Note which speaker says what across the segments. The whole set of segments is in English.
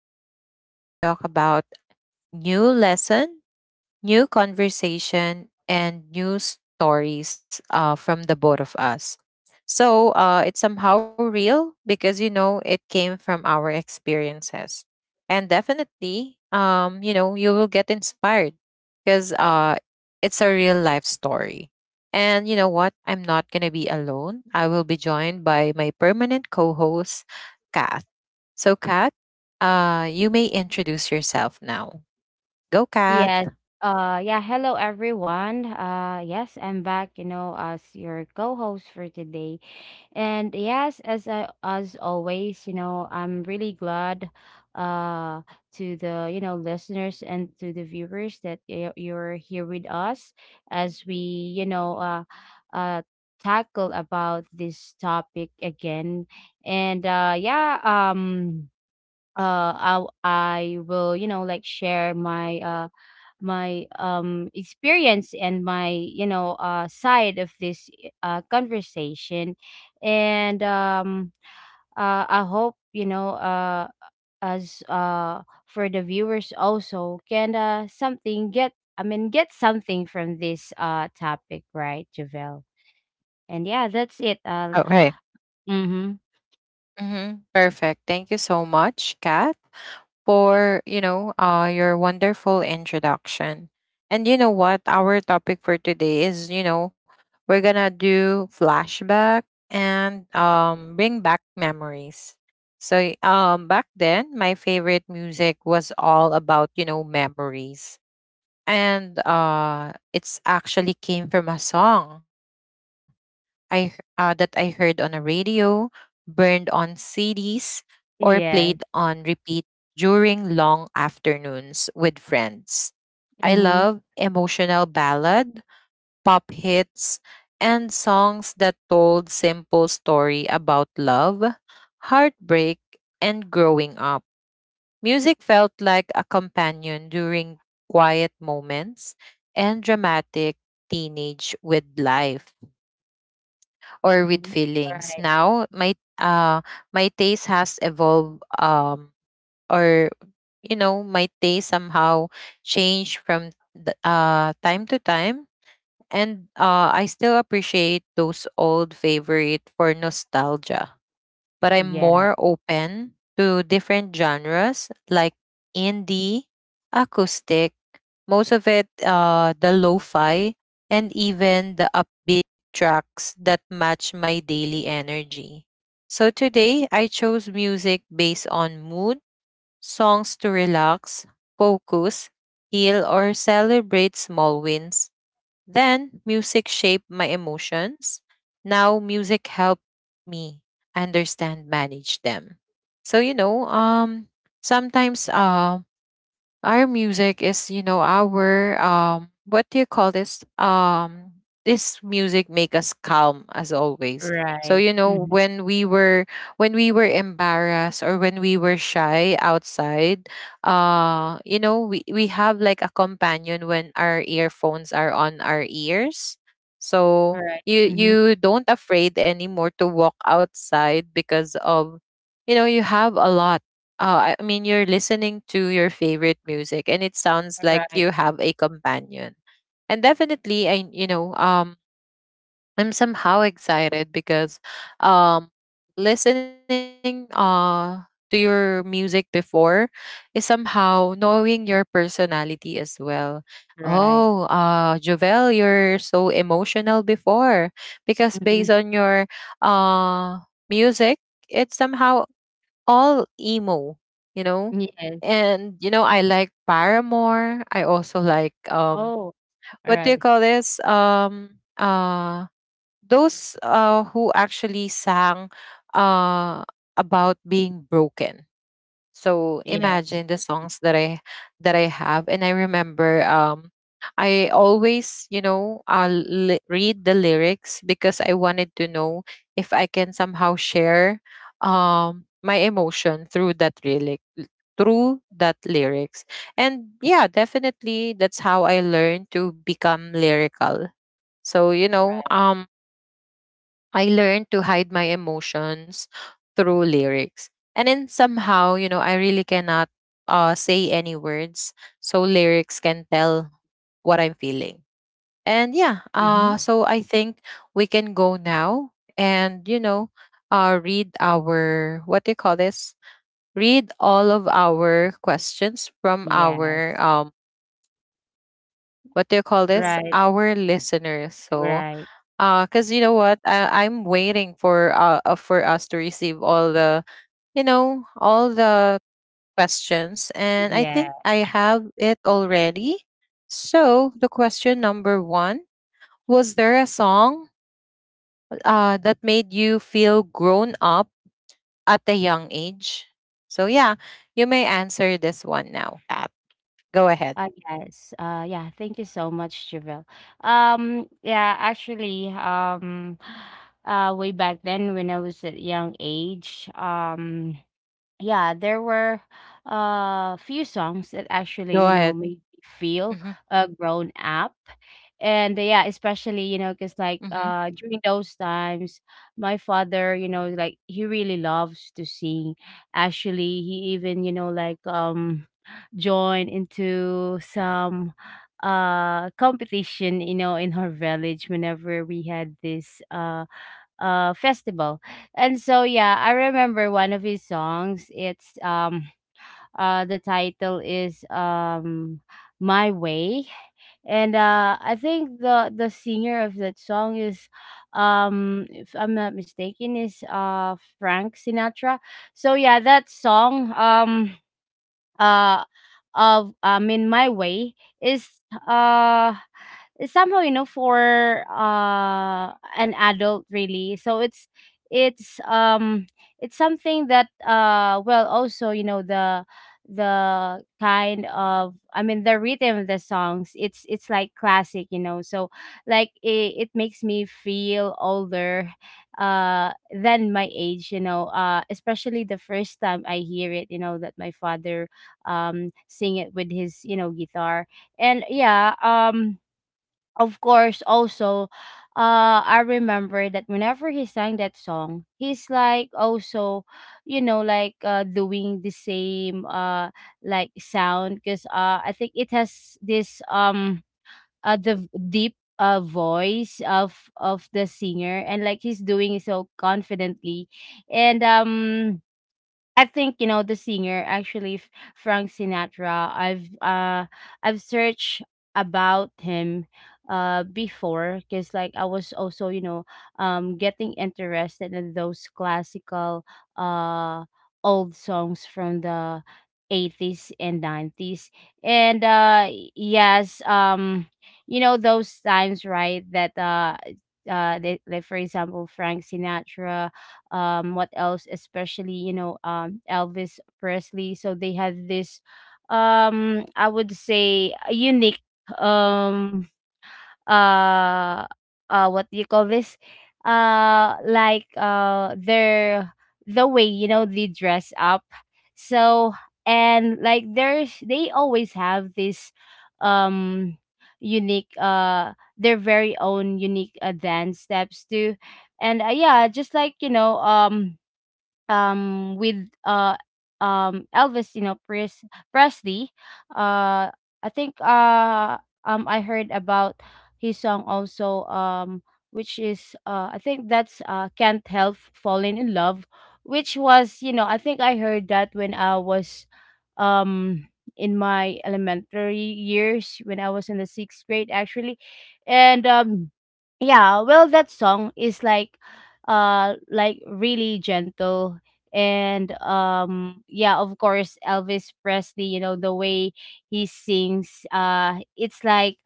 Speaker 1: the space where we talk about new lesson, new conversation, and new stories from the both of us. So it's somehow real because it came from our experiences, and definitely, you will get inspired because it's a real life story. And you know what? I'm not gonna be alone. I will be joined by my permanent co-host, Kath. So, Kath, you may introduce yourself now. Go, Kath.
Speaker 2: Yes. Yeah, hello everyone. Yes, I'm back, you know, as your co-host for today. And yes, as always, you know, I'm really glad uh to the, you know, listeners and to the viewers that you're here with us as we, you know, uh uh tackle about this topic again. And uh yeah, um uh I I will, you know, like share my my experience and my you know side of this conversation and I hope you know as for the viewers also can something get I mean get something from this topic, right, Javel? And yeah, that's it.
Speaker 1: Okay.
Speaker 2: mm-hmm
Speaker 1: Mm-hmm. Perfect. Thank you so much, Kat, for your wonderful introduction. And you know what? Our topic for today is, we're gonna do flashback and bring back memories. So back then, my favorite music was all about, memories, and it's actually came from a song that I heard on a radio, burned on CDs, or played
Speaker 2: yeah
Speaker 1: on repeat during long afternoons with friends. I
Speaker 2: mm-hmm,
Speaker 1: love emotional ballad, pop hits, and songs that told simple story about love, heartbreak, and growing up. Music felt like a companion during quiet moments and dramatic teenage with life or with
Speaker 2: mm-hmm.
Speaker 1: feelings.
Speaker 2: Right.
Speaker 1: Now, my taste has evolved, or, my taste somehow changed from the time to time, and I still appreciate those old favorite for nostalgia, but I'm
Speaker 2: Yeah.
Speaker 1: more open to different genres like indie, acoustic, most of it, the lo fi, and even the upbeat tracks that match my daily energy. So today, I chose music based on mood, songs to relax, focus, heal, or celebrate small wins, then music shaped my emotions. Now music helped me understand, manage them. So, sometimes, our music is, our what do you call this? This music make us calm as always. So
Speaker 2: Right. Mm-hmm.
Speaker 1: when we were embarrassed, or when we were shy outside, we have like a companion when our earphones are on our ears. So
Speaker 2: Right.
Speaker 1: you
Speaker 2: Mm-hmm.
Speaker 1: you don't afraid anymore to walk outside because of you have a lot I mean, you're listening to your favorite music, and it sounds
Speaker 2: Right.
Speaker 1: like
Speaker 2: right
Speaker 1: you have a companion. And definitely, I'm somehow excited because, um, listening to your music before is somehow knowing your personality as well. Oh,
Speaker 2: right,
Speaker 1: Jovel, you're so emotional before because
Speaker 2: Mm-hmm.
Speaker 1: based on your uh music, it somehow all emo, you know?
Speaker 2: Yes.
Speaker 1: And, I like Paramore. I also like
Speaker 2: Oh,
Speaker 1: what do you
Speaker 2: alright.
Speaker 1: call this? Those who actually sang uh about being broken, so
Speaker 2: Yes.
Speaker 1: imagine the songs that I have, and I remember, I always read the lyrics because I wanted to know if I can somehow share, my emotion through that lyrics. And yeah, definitely that's how I learned to become lyrical. So
Speaker 2: Right.
Speaker 1: I learned to hide my emotions through lyrics. And then somehow, I really cannot, say any words. So lyrics can tell what I'm feeling. And yeah,
Speaker 2: Mhm.
Speaker 1: so I think we can go now and, read our, what do you call this? Read all of our questions from our,
Speaker 2: Yes.
Speaker 1: what do you call this? Our
Speaker 2: Right.
Speaker 1: listeners. So,
Speaker 2: Right.
Speaker 1: cause you know what, I'm waiting for us to receive all the, all the questions, and I
Speaker 2: Yeah.
Speaker 1: think I have it already. So the question number one, was there a song that made you feel grown up at a young age? So yeah, you may answer this one now. Kat. Go ahead.
Speaker 2: Yes. Yeah. Thank you so much, Javelle. Yeah, actually, way back then when I was at young age, yeah, there were a few songs that actually,
Speaker 1: Go
Speaker 2: you
Speaker 1: ahead.
Speaker 2: know, made me feel
Speaker 1: Mm-hmm.
Speaker 2: grown up. And yeah, especially, you know, because
Speaker 1: Mm-hmm.
Speaker 2: during those times, my father, you know, like he really loves to sing. Actually, he even, you know, joined into some competition, you know, in our village whenever we had this festival. And so yeah, I remember one of his songs. It's the title is "My Way," and I think the singer of that song is, if I'm not mistaken, is Frank Sinatra. So yeah, that song, uh of "In My Way," is uh is somehow, you know, for an adult really. So it's it's something that well also, you know, the kind of, I mean, the rhythm of the songs, it's like classic, you know. So like it makes me feel older than my age, you know, especially the first time I hear it, you know, that my father sing it with his, you know, guitar. And of course also, I remember that whenever he sang that song, he's like also, you know, like doing the same like sound because I think it has this the deep voice of the singer, and like he's doing it so confidently. And I think, you know, the singer actually, Frank Sinatra. I've searched about him before because like I was also, you know, getting interested in those classical uh old songs from the 80s and 90s. And yes You know, those times, right, that they, like for example, Frank Sinatra, what else, especially, you know, Elvis Presley. So they had this, I would say, a unique, um uh what do you call this, like their the way, you know, they dress up. So, and like there's they always have this, um unique their very own unique dance steps too. And yeah, just like, you know, with uh Elvis, you know, Presley. Uh I think uh I heard about his song also, which is I think that's "Can't Help Falling in Love," which was, you know, I think I heard that when I was um in my elementary years when I was in the sixth grade actually. And yeah, well that song is like really gentle. And yeah, of course Elvis Presley, you know, the way he sings, it's like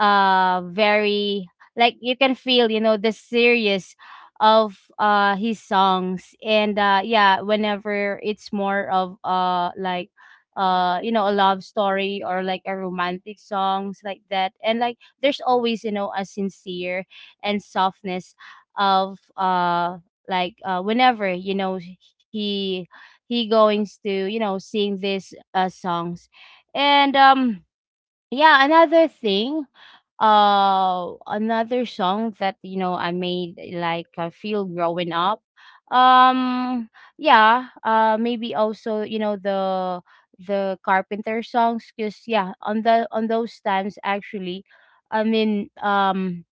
Speaker 2: very like you can feel, you know, the serious of his songs. And yeah, whenever it's more of like you know a love story or like a romantic songs like that, and like there's always, you know, a sincere and softness of like whenever, you know, he he goings to, you know, sing these songs. And yeah, another thing, another song that, you know, I made like I feel growing up, um yeah, maybe also, you know, the carpenter songs. Because yeah, on the on those times actually, I mean,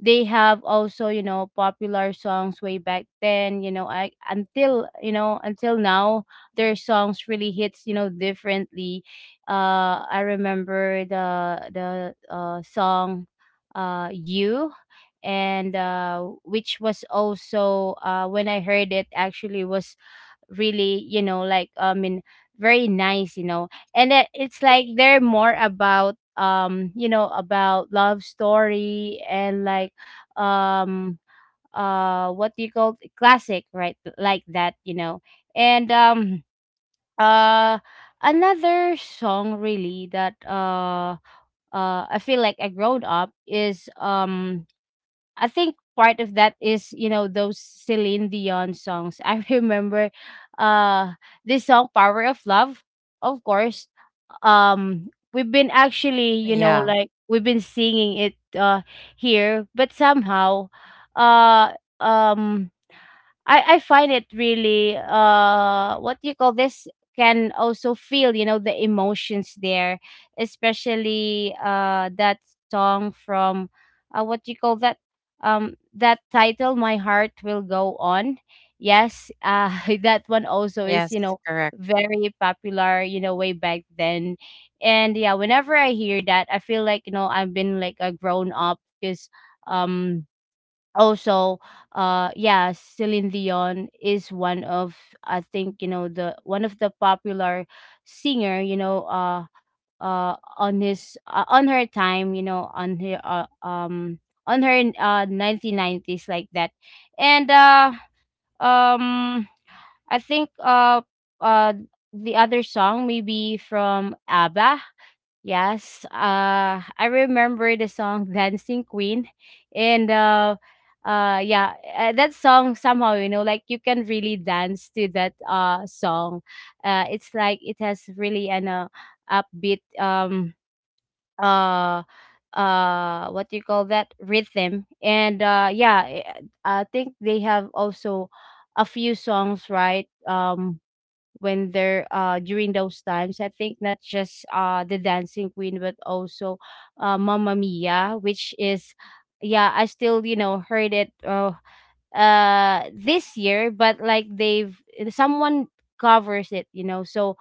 Speaker 2: they have also, you know, popular songs way back then, you know, I until, you know, until now, their songs really hits, you know, differently. I remember the song, "You," and which was also, when I heard it actually, was really, you know, like I mean very nice, you know. And that it's like they're more about, you know, about love story. And like, um what do you call it? Classic, right, like that, you know. And um uh another song really that I feel like I growed up is, I think part of that is, you know, those Celine Dion songs. I remember uh this song, "Power of Love," of course. We've been
Speaker 1: Yeah.
Speaker 2: actually, you know, like we've been singing it here, but somehow, uh um I find it really, what do you call this, can also feel, you know, the emotions there, especially that song from, what do you call that, that title, "My Heart Will Go On." Yes, that
Speaker 1: Yes.
Speaker 2: one also
Speaker 1: Correct.
Speaker 2: is, you know, very popular, you know, way back then. And yeah, whenever I hear that, I feel like, you know, I've been like a grown up because, um also, yeah, Celine Dion is one of, I think, you know, the one of the popular singer, you know, on his on her time, you know, on her 1990s like that. And uh um I think, uh the other song maybe from ABBA. Yes, I remember the song "Dancing Queen," and yeah, that song somehow, you know, like you can really dance to that song. It's like it has really an upbeat, uh what do you call that, rhythm. And yeah, I think they have also a few songs, right, when they're during those times. I think not just the "Dancing Queen," but also "Mamma Mia," which is, yeah, I still, you know, heard it this year, but like they've someone covers it, you know. So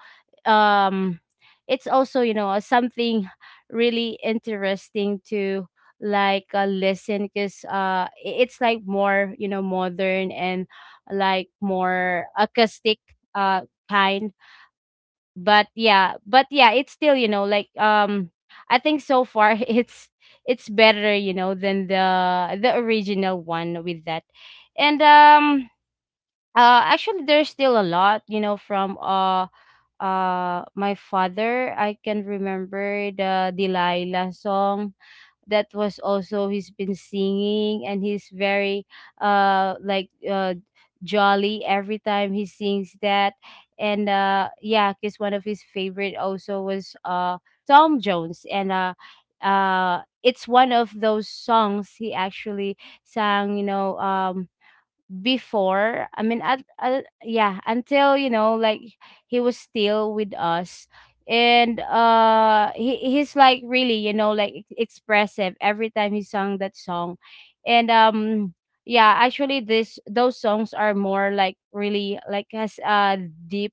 Speaker 2: um it's also, you know, something really interesting to like listen because it's like more, you know, modern and like more acoustic uh kind. But yeah, it's still, you know, like, I think so far it's better, you know, than the original one with that. And actually there's still a lot, you know, from my father. I can remember the "Delilah" song. That was also he's been singing, and he's very uh like uh jolly every time he sings that. And yeah, because one of his favorite also was Tom Jones. And it's one of those songs he actually sang, you know, before, I mean, at yeah, until, you know, like he was still with us. And he, he's like really, you know, like expressive every time he sung that song. And yeah, actually this those songs are more like really like has a deep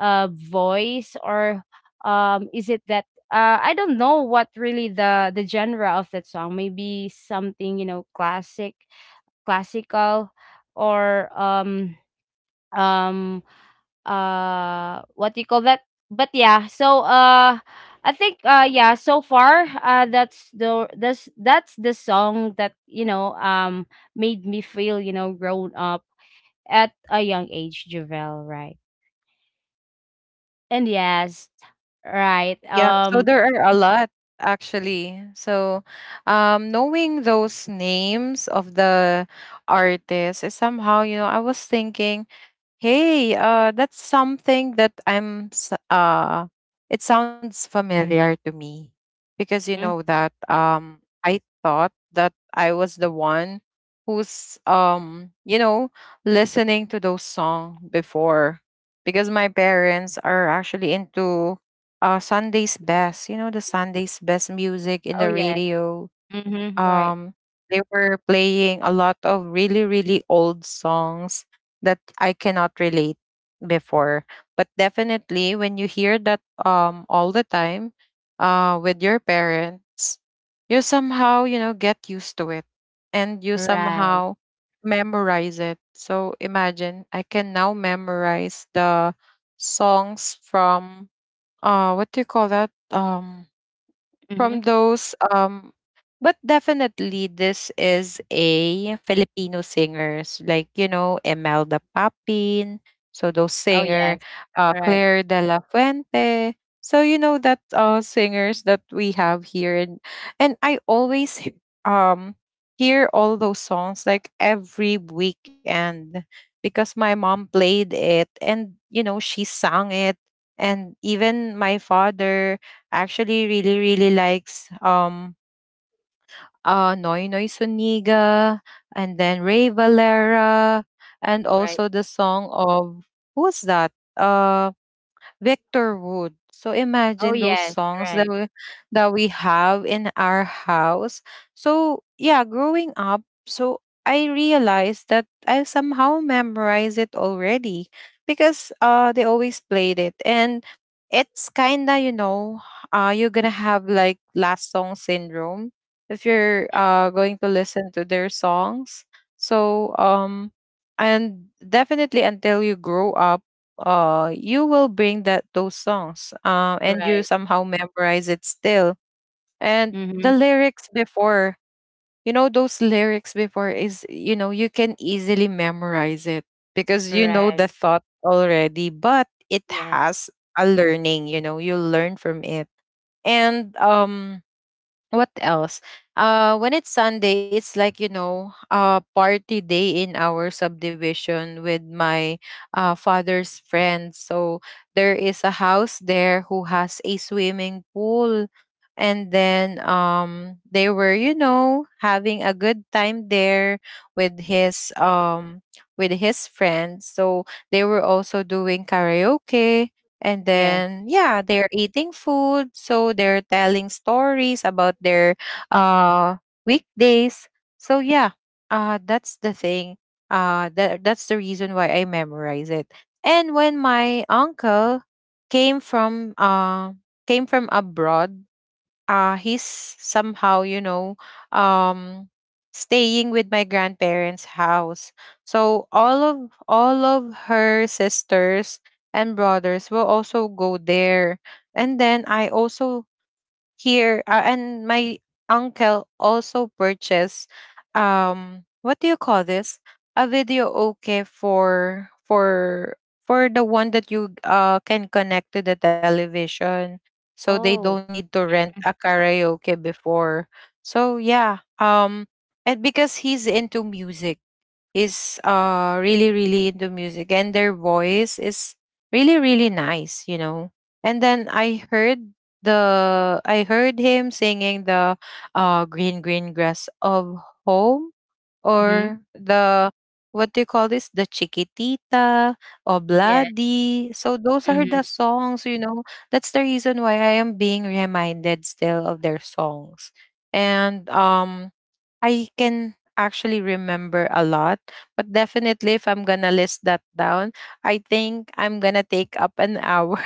Speaker 2: voice, or is it that, I don't know what really the genre of that song. Maybe something, you know, classic, classical, or um what do you call that. But yeah, so I think, yeah, so far, that's the song that, you know, made me feel, you know, grown up at a young age, Javel, right? And yes. Right.
Speaker 1: Yeah, so there are a lot actually. So, knowing those names of the artists is somehow, I was thinking, hey, that's something that it sounds familiar to me because you
Speaker 2: Mhm.
Speaker 1: know that, I thought that I was the one who's, listening to those song before because my parents are actually into Sunday's best, the Sunday's best music in
Speaker 2: Oh
Speaker 1: the
Speaker 2: yes.
Speaker 1: radio.
Speaker 2: Mm-hmm. Right.
Speaker 1: Um they were playing a lot of really really old songs that I cannot relate before. But definitely when you hear that all the time with your parents, you somehow, get used to it, and you
Speaker 2: Right.
Speaker 1: somehow memorize it. So imagine I can now memorize the songs from, what do you call that?
Speaker 2: Mm-hmm.
Speaker 1: From those, but definitely this is a Filipino singers like, Imelda Papin, so those
Speaker 2: Oh
Speaker 1: singer,
Speaker 2: yes. Right.
Speaker 1: Claire de la Fuente, so that singers that we have here, and I always um hear all those songs like every weekend because my mom played it, and she sang it. And even my father actually really really likes Noy Noy Suniga, and then Ray Valera, and
Speaker 2: Right.
Speaker 1: also the song of who's that? Uh, Victor Wood. So
Speaker 2: Oh
Speaker 1: imagine those
Speaker 2: yes.
Speaker 1: songs that
Speaker 2: right
Speaker 1: we have in our house. So yeah, growing up, so I realized that I somehow memorized it already because they always played it, and it's kinda you're gonna have like last song syndrome if you're going to listen to their songs. So and definitely until you grow up, you will bring that those songs, and you
Speaker 2: right
Speaker 1: somehow memorize it still. And the
Speaker 2: mm-hmm.
Speaker 1: lyrics before, those lyrics before is, you can easily memorize it because you know
Speaker 2: Right.
Speaker 1: the thought already, but it
Speaker 2: Yes.
Speaker 1: has a learning, you learn from it. And what else? When it's Sunday, it's like, party day in our subdivision with my, father's friends. So there is a house there who has a swimming pool, and then, they were having a good time there with his, friends. So they were also doing karaoke, and
Speaker 2: Yes.
Speaker 1: then, yeah, they're eating food. So they're telling stories about their, uh, weekdays. So, yeah, that's the thing. That's the reason why I memorize it. And when my uncle came from, uh, came from abroad, he's somehow um staying with my grandparents house, so all of her sisters and brothers will also go there, and then I also here, and my uncle also purchased, what do you call this, a video okay for the one that you can connect to the television, so they
Speaker 2: Oh.
Speaker 1: don't need to rent a karaoke before. So yeah, and because he's into music, is really really into music, and their voice is really really nice. And then I heard him singing the green green grass of home,
Speaker 2: Mm-hmm.
Speaker 1: or the, what do you call this, the chiquitita,
Speaker 2: Yes.
Speaker 1: obladi, so those are
Speaker 2: Mm-hmm.
Speaker 1: the songs, that's the reason why I am being reminded still of their songs. And I can actually remember a lot, but definitely if I'm gonna list that down, I think I'm gonna take up an hour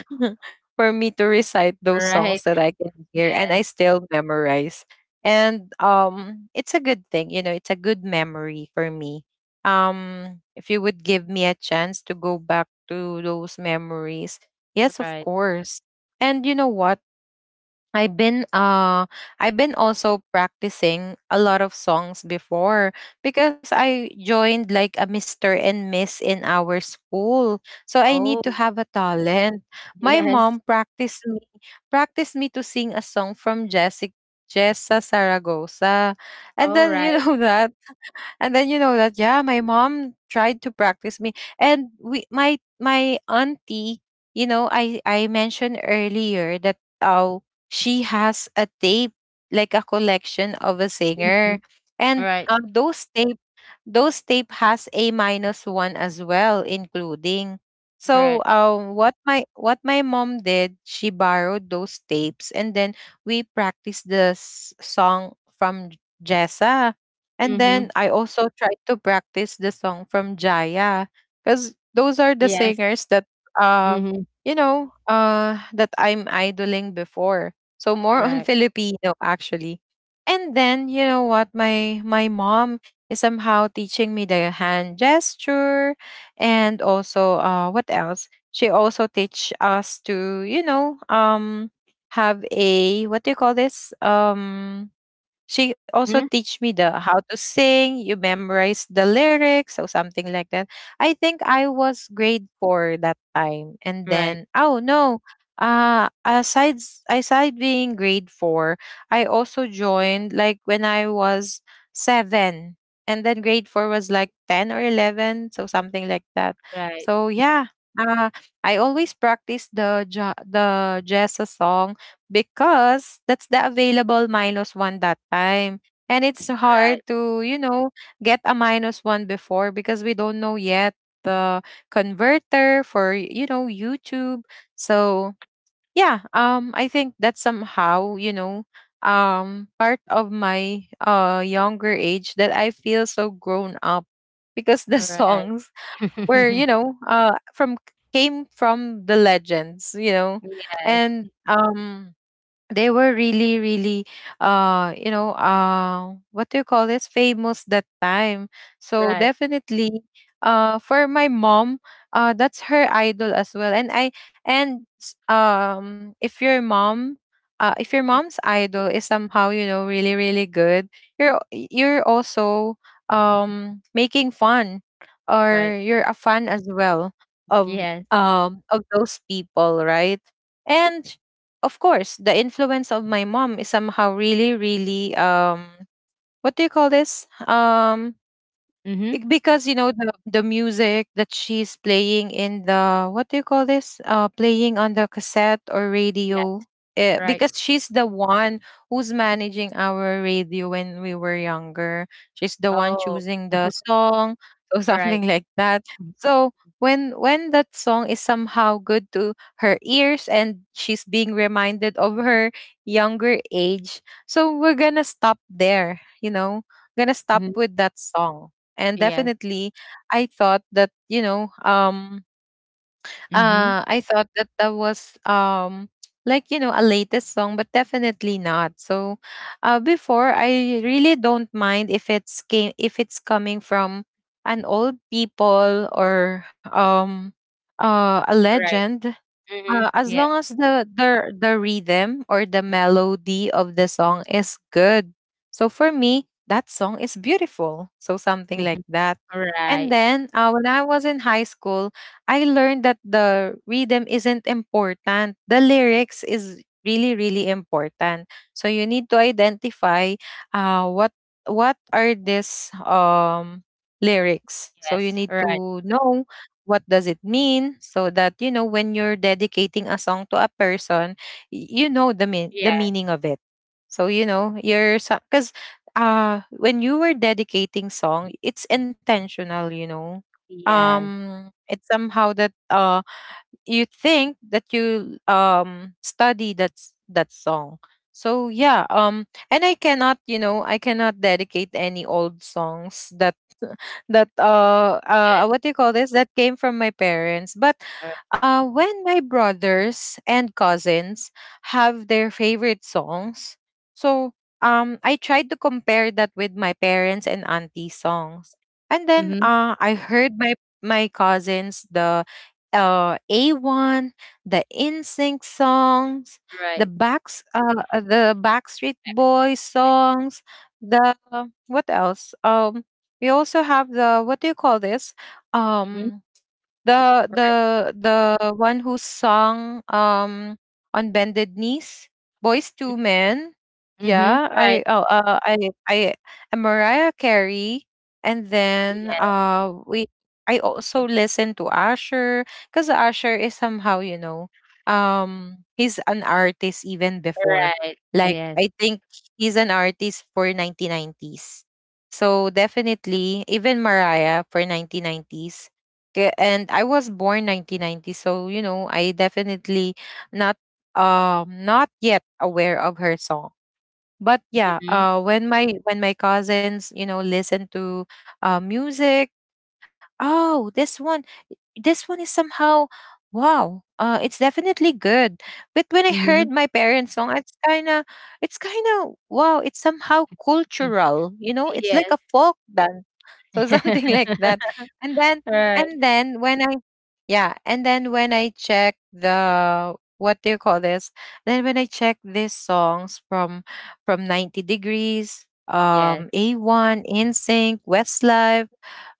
Speaker 1: for me to recite those
Speaker 2: Right.
Speaker 1: songs that I can hear and I
Speaker 2: Yes.
Speaker 1: still memorize. And it's a good thing, it's a good memory for me. If you would give me a chance to go back to those memories, yes, of
Speaker 2: Right.
Speaker 1: course. And you know what? I've been uh I've been also practicing a lot of songs before because I joined like a Mr. and Miss in our school. So I need
Speaker 2: Oh.
Speaker 1: to have a talent. My
Speaker 2: Yes.
Speaker 1: mom practiced me to sing a song from Jessica Jessa Saragosa. And
Speaker 2: All
Speaker 1: then
Speaker 2: right.
Speaker 1: that, and then that, yeah, my mom tried to practice me, and we my my auntie, I mentioned earlier that, oh, she has a tape, like a collection of a
Speaker 2: Mm-hmm.
Speaker 1: singer, and,
Speaker 2: Right.
Speaker 1: those tape has a minus one as well, including. So,
Speaker 2: Right.
Speaker 1: what my mom did, she borrowed those tapes, and then we practiced the song from Jessa, and
Speaker 2: Mm-hmm.
Speaker 1: then I also tried to practice the song from Jaya, because those are the
Speaker 2: Yes.
Speaker 1: singers that uh
Speaker 2: Mm-hmm.
Speaker 1: that I'm idoling before. So more on
Speaker 2: Right.
Speaker 1: Filipino actually. And then you know what, my mom is somehow teaching me the hand gesture, and also, what else, she also teach us to, have a, what do you call this, she also
Speaker 2: Mm-hmm.
Speaker 1: teach me the how to sing, you memorize the lyrics, so something like that. I think I was grade four that time. And
Speaker 2: Right.
Speaker 1: then oh no, aside s- aside being grade four, I also joined like when I was seven. And then grade four was like 10 or 11, so something like that.
Speaker 2: Right.
Speaker 1: So yeah. Uh I always practice the the Jessa song because that's the available minus one that time. And it's hard
Speaker 2: Right.
Speaker 1: to, you know, get a minus one before because we don't know yet the converter for, you know, YouTube. So yeah, I think that somehow, you know, part of my younger age that I feel so grown up because the
Speaker 2: Right.
Speaker 1: songs were, you know, from came from the legends, you know.
Speaker 2: Yes.
Speaker 1: And they were really really you know what do you call this famous that time so
Speaker 2: Right.
Speaker 1: definitely for my mom that's her idol as well, and if your mom if your
Speaker 2: Mm.
Speaker 1: mom's idol is somehow, you know, really really good, you're also making fun or
Speaker 2: Right.
Speaker 1: you're a fan as well of
Speaker 2: Yes.
Speaker 1: of those people, right? And of course, the influence of my mom is somehow really, really what do you call this?
Speaker 2: Mm-hmm.
Speaker 1: Bec- because you know the music that she's playing in the what do you call this playing on the cassette or
Speaker 2: Yes.
Speaker 1: radio,
Speaker 2: Right.
Speaker 1: because she's the one who's managing our radio when we were younger. She's the one
Speaker 2: Oh.
Speaker 1: choosing the song or
Speaker 2: Right.
Speaker 1: something like that. So when that song is somehow good to her ears and she's being reminded of her younger age, so we're gonna stop there, you know, gonna stop
Speaker 2: Mm-hmm.
Speaker 1: with that song. And
Speaker 2: Yes.
Speaker 1: definitely I thought that, you know,
Speaker 2: Mm-hmm.
Speaker 1: I thought that that was like, you know, a latest song, but definitely not. So before I really don't mind if it's came if it's coming from an old people or a
Speaker 2: Right.
Speaker 1: legend,
Speaker 2: Mm-hmm.
Speaker 1: as
Speaker 2: Yes.
Speaker 1: long as the the rhythm or the melody of the song is good. So for me, that song is beautiful. So something
Speaker 2: Mm-hmm.
Speaker 1: like that. And
Speaker 2: Right.
Speaker 1: then when I was in high school, I learned that the rhythm isn't important. The lyrics is really really important. So you need to identify uh, what what are these lyrics. So you
Speaker 2: Yes.
Speaker 1: need
Speaker 2: Right.
Speaker 1: to know what does it mean, so that you know when you're dedicating a song to a person, you know the
Speaker 2: Yes.
Speaker 1: meaning of it. So you know you're, because when you were dedicating song, it's intentional, you know.
Speaker 2: Yes.
Speaker 1: It's somehow that you think that you study that that song. So yeah, and I cannot, you know, I cannot dedicate any old songs that that
Speaker 2: Yes.
Speaker 1: what do you call this that came from my parents. But
Speaker 2: All right.
Speaker 1: when my brothers and cousins have their favorite songs, so I tried to compare that with my parents and auntie songs. And then
Speaker 2: Mm-hmm.
Speaker 1: I heard my my cousins the A1, the InSync songs, the
Speaker 2: Right.
Speaker 1: Backstreet
Speaker 2: Next street
Speaker 1: Boys songs, the what else, we also have the what do you call this?
Speaker 2: boy. Mm-hmm.
Speaker 1: Um the the
Speaker 2: Right.
Speaker 1: the one who sung On Bended Knees, Boys to Men.
Speaker 2: Mm-hmm. Mhm.
Speaker 1: Yeah,
Speaker 2: Right.
Speaker 1: I oh, I and Mariah Carey. And then
Speaker 2: Yeah.
Speaker 1: we I also listen to Asher because Asher is somehow, you know, he's an artist even before,
Speaker 2: Right.
Speaker 1: like,
Speaker 2: Yes.
Speaker 1: I think he's an artist for 1990s. So definitely, even Mariah for 1990s, and I was born 1990, so you know I definitely not not yet aware of her song. But yeah,
Speaker 2: Mm-hmm.
Speaker 1: when my cousins, you know, listen to music, oh this one, this one is somehow wow, it's definitely good. But when I heard
Speaker 2: Mm-hmm.
Speaker 1: my parents song, it's kind of, it's kind of wow, it's somehow cultural, you know, it's like
Speaker 2: Yes.
Speaker 1: a folk dance. So something like that. And then
Speaker 2: Right.
Speaker 1: and then when i when I check the what do you call this then when I check these songs from 90 Degrees,
Speaker 2: Yes.
Speaker 1: A1, Insync, Westlife,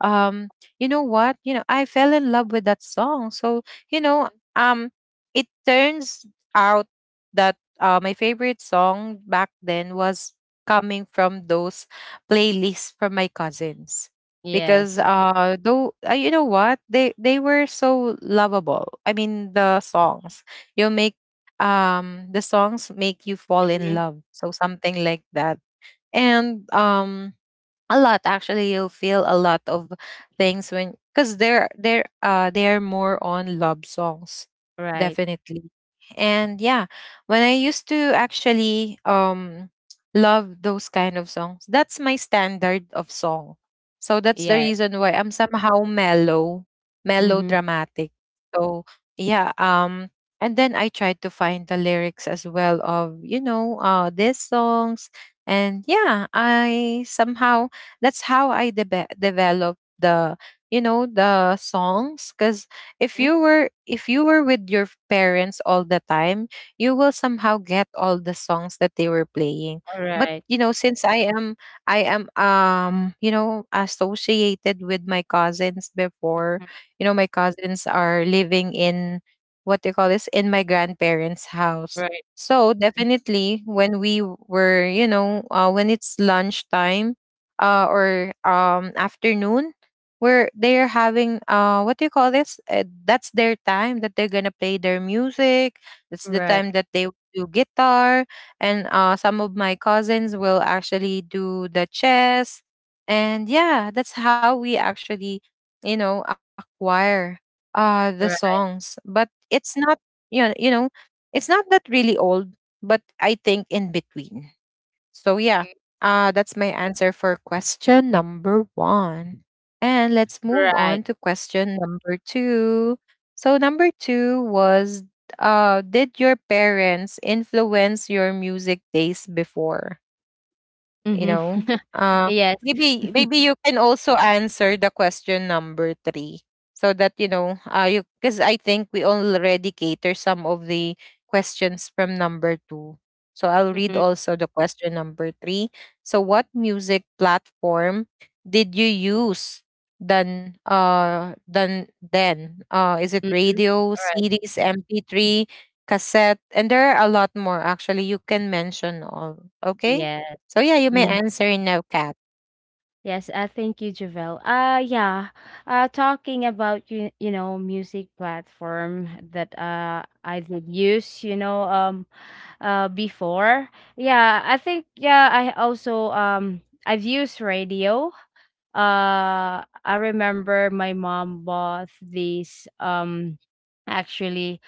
Speaker 1: um you know what, you know, I fell in love with that song. So you know, um it turns out that my favorite song back then was coming from those playlists from my cousins. Because
Speaker 2: Yes.
Speaker 1: though you know what, they were so lovable, I mean the songs, you make the songs make you fall in
Speaker 2: Mm-hmm.
Speaker 1: love, so something like that. And a lot, actually, you'll feel a lot of things when, because they're they are more on love songs,
Speaker 2: Right.
Speaker 1: definitely. And yeah, when I used to actually love those kind of songs, that's my standard of song. So that's the
Speaker 2: Yes.
Speaker 1: reason why I'm somehow mellow,
Speaker 2: Mm-hmm.
Speaker 1: melodramatic. So yeah, and then I tried to find the lyrics as well of, you know, these songs. And yeah, I somehow, that's how I developed the, you know, the songs. Because if
Speaker 2: Mm-hmm.
Speaker 1: you were, if you were with your parents all the time, you will somehow get all the songs that they were playing.
Speaker 2: All
Speaker 1: But
Speaker 2: right.
Speaker 1: you know, since I am, you know, associated with my cousins before,
Speaker 2: Mhm.
Speaker 1: you know, my cousins are living in what they call this in my grandparents house.
Speaker 2: Right.
Speaker 1: So
Speaker 2: Mhm.
Speaker 1: definitely when we were, you know, when it's lunchtime, or afternoon, where they're having, what do you call this? That's their time that they're gonna play their music. It's the
Speaker 2: Right.
Speaker 1: time that they do guitar, and some of my cousins will actually do the chess. And yeah, that's how we actually, you know, acquire the
Speaker 2: Right.
Speaker 1: songs. But it's not, you know, you know, it's not that really old, but I think in between. So yeah, that's my answer for question number one. And let's move on
Speaker 2: Right.
Speaker 1: to question number two. So number two was, did your parents influence your music taste before? You
Speaker 2: Mm-hmm.
Speaker 1: know, uh
Speaker 2: Yes.
Speaker 1: maybe, maybe you can also answer the question number three, so that, you know, you because I think we already cater some of the questions from number two, so I'll read
Speaker 2: Mm-hmm.
Speaker 1: also the question number three. So what music platform did you use than uh than then uh? Is it
Speaker 2: Mm-hmm.
Speaker 1: radio,
Speaker 2: Right.
Speaker 1: CDs, MP3, cassette? And there are a lot more, actually. You can mention all. Okay,
Speaker 2: Yes.
Speaker 1: so yeah, you may answer now, Kat.
Speaker 2: Yes, thank you, Javel. Yeah, talking about, you know, music platform that I did use, you know, before. Yeah, I think yeah, I also I've used radio. I remember my mom bought these. Actually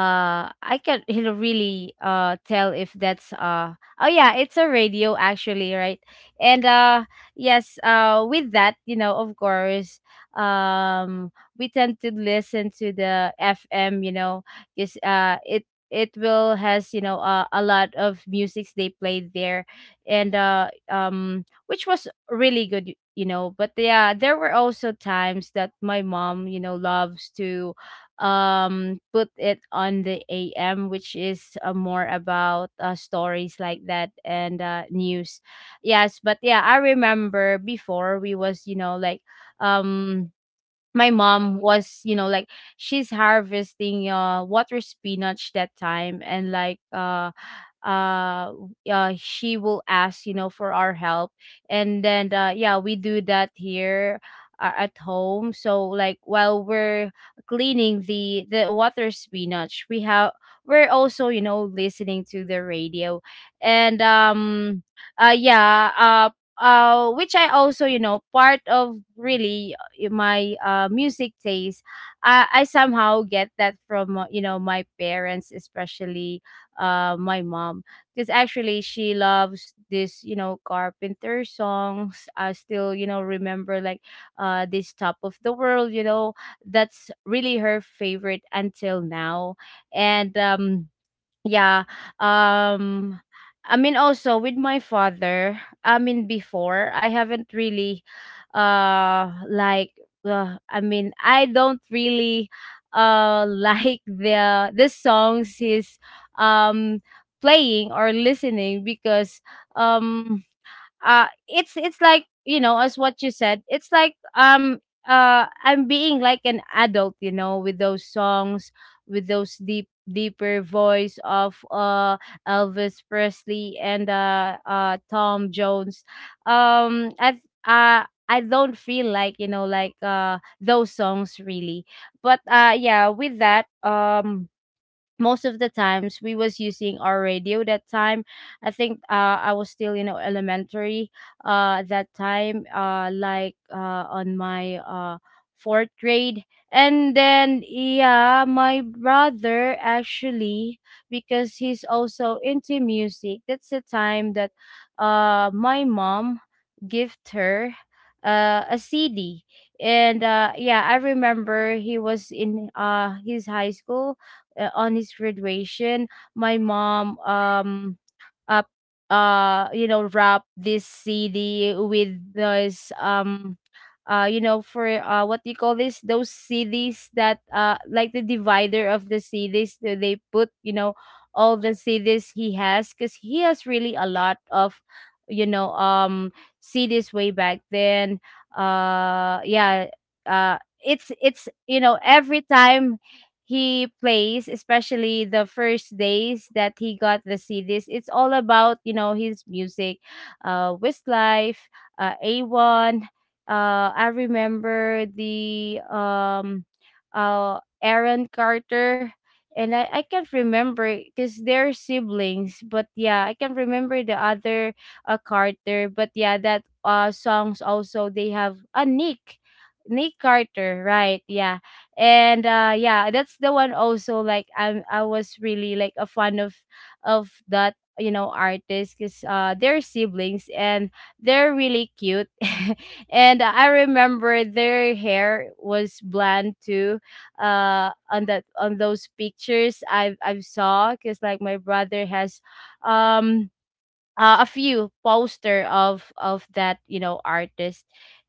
Speaker 2: uh I can, you know, really tell if that's oh yeah, it's a radio, actually, right. and yes with that, you know, of course, we tend to listen to the FM, you know, because it will has, you know, a lot of musics they play there. And which was really good, you know. But yeah, there were also times that my mom, you know, loves to put it on the AM, which is more about stories like that and news. Yes, but yeah, I remember before we was, you know, like um my mom was, you know, like she's harvesting water spinach that time and uh she will ask, you know, for our help. And then yeah, we do that here, at home, so like while we're cleaning the water spinach we have, we're also, you know, listening to the radio. And yeah which I also, you know, part of really my, music taste, I somehow get that from, you know, my parents, especially, my mom, because actually she loves this, you know, Carpenter songs. I still, you know, remember like, this Top of the World. You know, that's really her favorite until now, and yeah. Um I mean also with my father, I mean before I haven't really like, I mean I don't really like the songs he's um playing or listening because um it's like, you know, as what you said, it's like, I'm being like an adult, you know, with those songs, with those deep deeper voice of Elvis Presley and Tom Jones. um i th- uh I don't feel like, you know, like those songs really. But yeah, with that, most of the times we was using our radio that time. I think, I was still, you know, elementary that time, on my, fourth grade. And then yeah, my brother actually, because he's also into music, that's the time that my mom gift her, a CD. And yeah, I remember he was in his high school, on his graduation, my mom up you know, wrap this CD with this, you know, for what do you call this, those CDs that like the divider of the CDs that they put, you know, all the CDs he has because he has really a lot of, you know, CDs way back then. uh yeah uh it's you know, every time he plays, especially the first days that he got the CDs. It's all about, you know, his music, Westlife, A1. I remember the, Aaron Carter. And I can't remember because they're siblings, but yeah, I can remember the other, Carter. But yeah, that songs also they have a, Nick, Nick Carter, right? Yeah, and yeah, that's the one also like I was really like a fan of that, you know, artist because they're siblings and they're really cute. And I remember their hair was blonde too, on that, on those pictures I've saw, because like my brother has, um a few poster of that, you know, artist.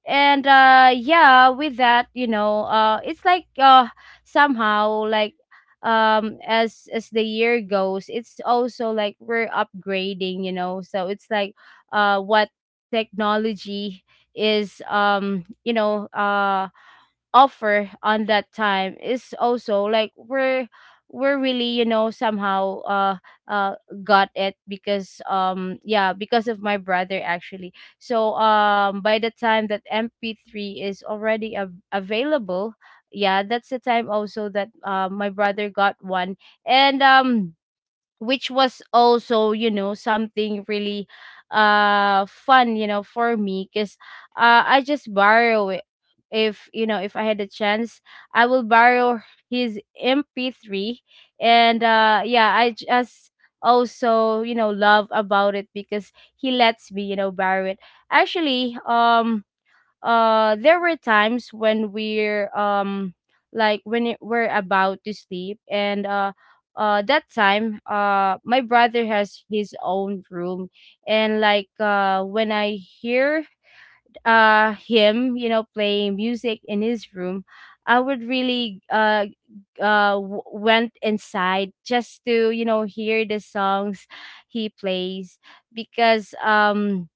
Speaker 2: And yeah, with that, you know, it's like, somehow like, as the year goes, it's also like we're upgrading, you know, so it's like, what technology is, you know, offer on that time is also like we're really, you know, somehow uh got it because, yeah, because of my brother actually. So, by the time that MP3 is already available, yeah, that's the time also that, my brother got one. And which was also, you know, something really fun, you know, for me because I just borrow it. If, you know, if I had a chance, I will borrow his MP3. And yeah, I just also, you know, love about it because he lets me, you know, borrow it. Actually, there were times when we're, like when it, we're about to sleep. And that time, my brother has his own room. And like when I hear him, you know, playing music in his room, I would really went inside just to, you know, hear the songs he plays. Because,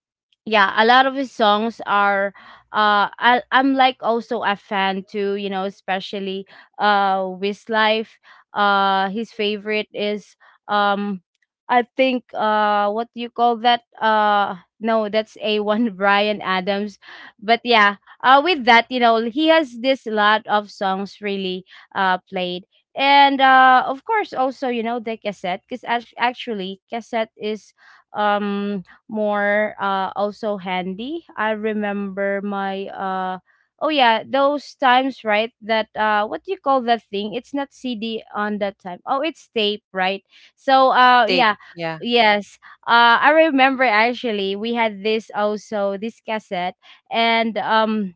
Speaker 2: yeah, a lot of his songs are, I'm like also a fan too, you know, especially Westlife. His favorite is, um I think, what do you call that, no, that's A1 Brian Adams. But yeah, with that, you know, he has this lot of songs really played. And of course also, you know, the cassette, because actually cassette is, um more also handy. I remember my oh yeah, those times, right, that what do you call that thing? It's not CD on that time. Oh, it's tape, right? So
Speaker 1: It's tape.
Speaker 2: yeah,
Speaker 1: Yeah.
Speaker 2: yes. I remember actually we had this also this cassette. And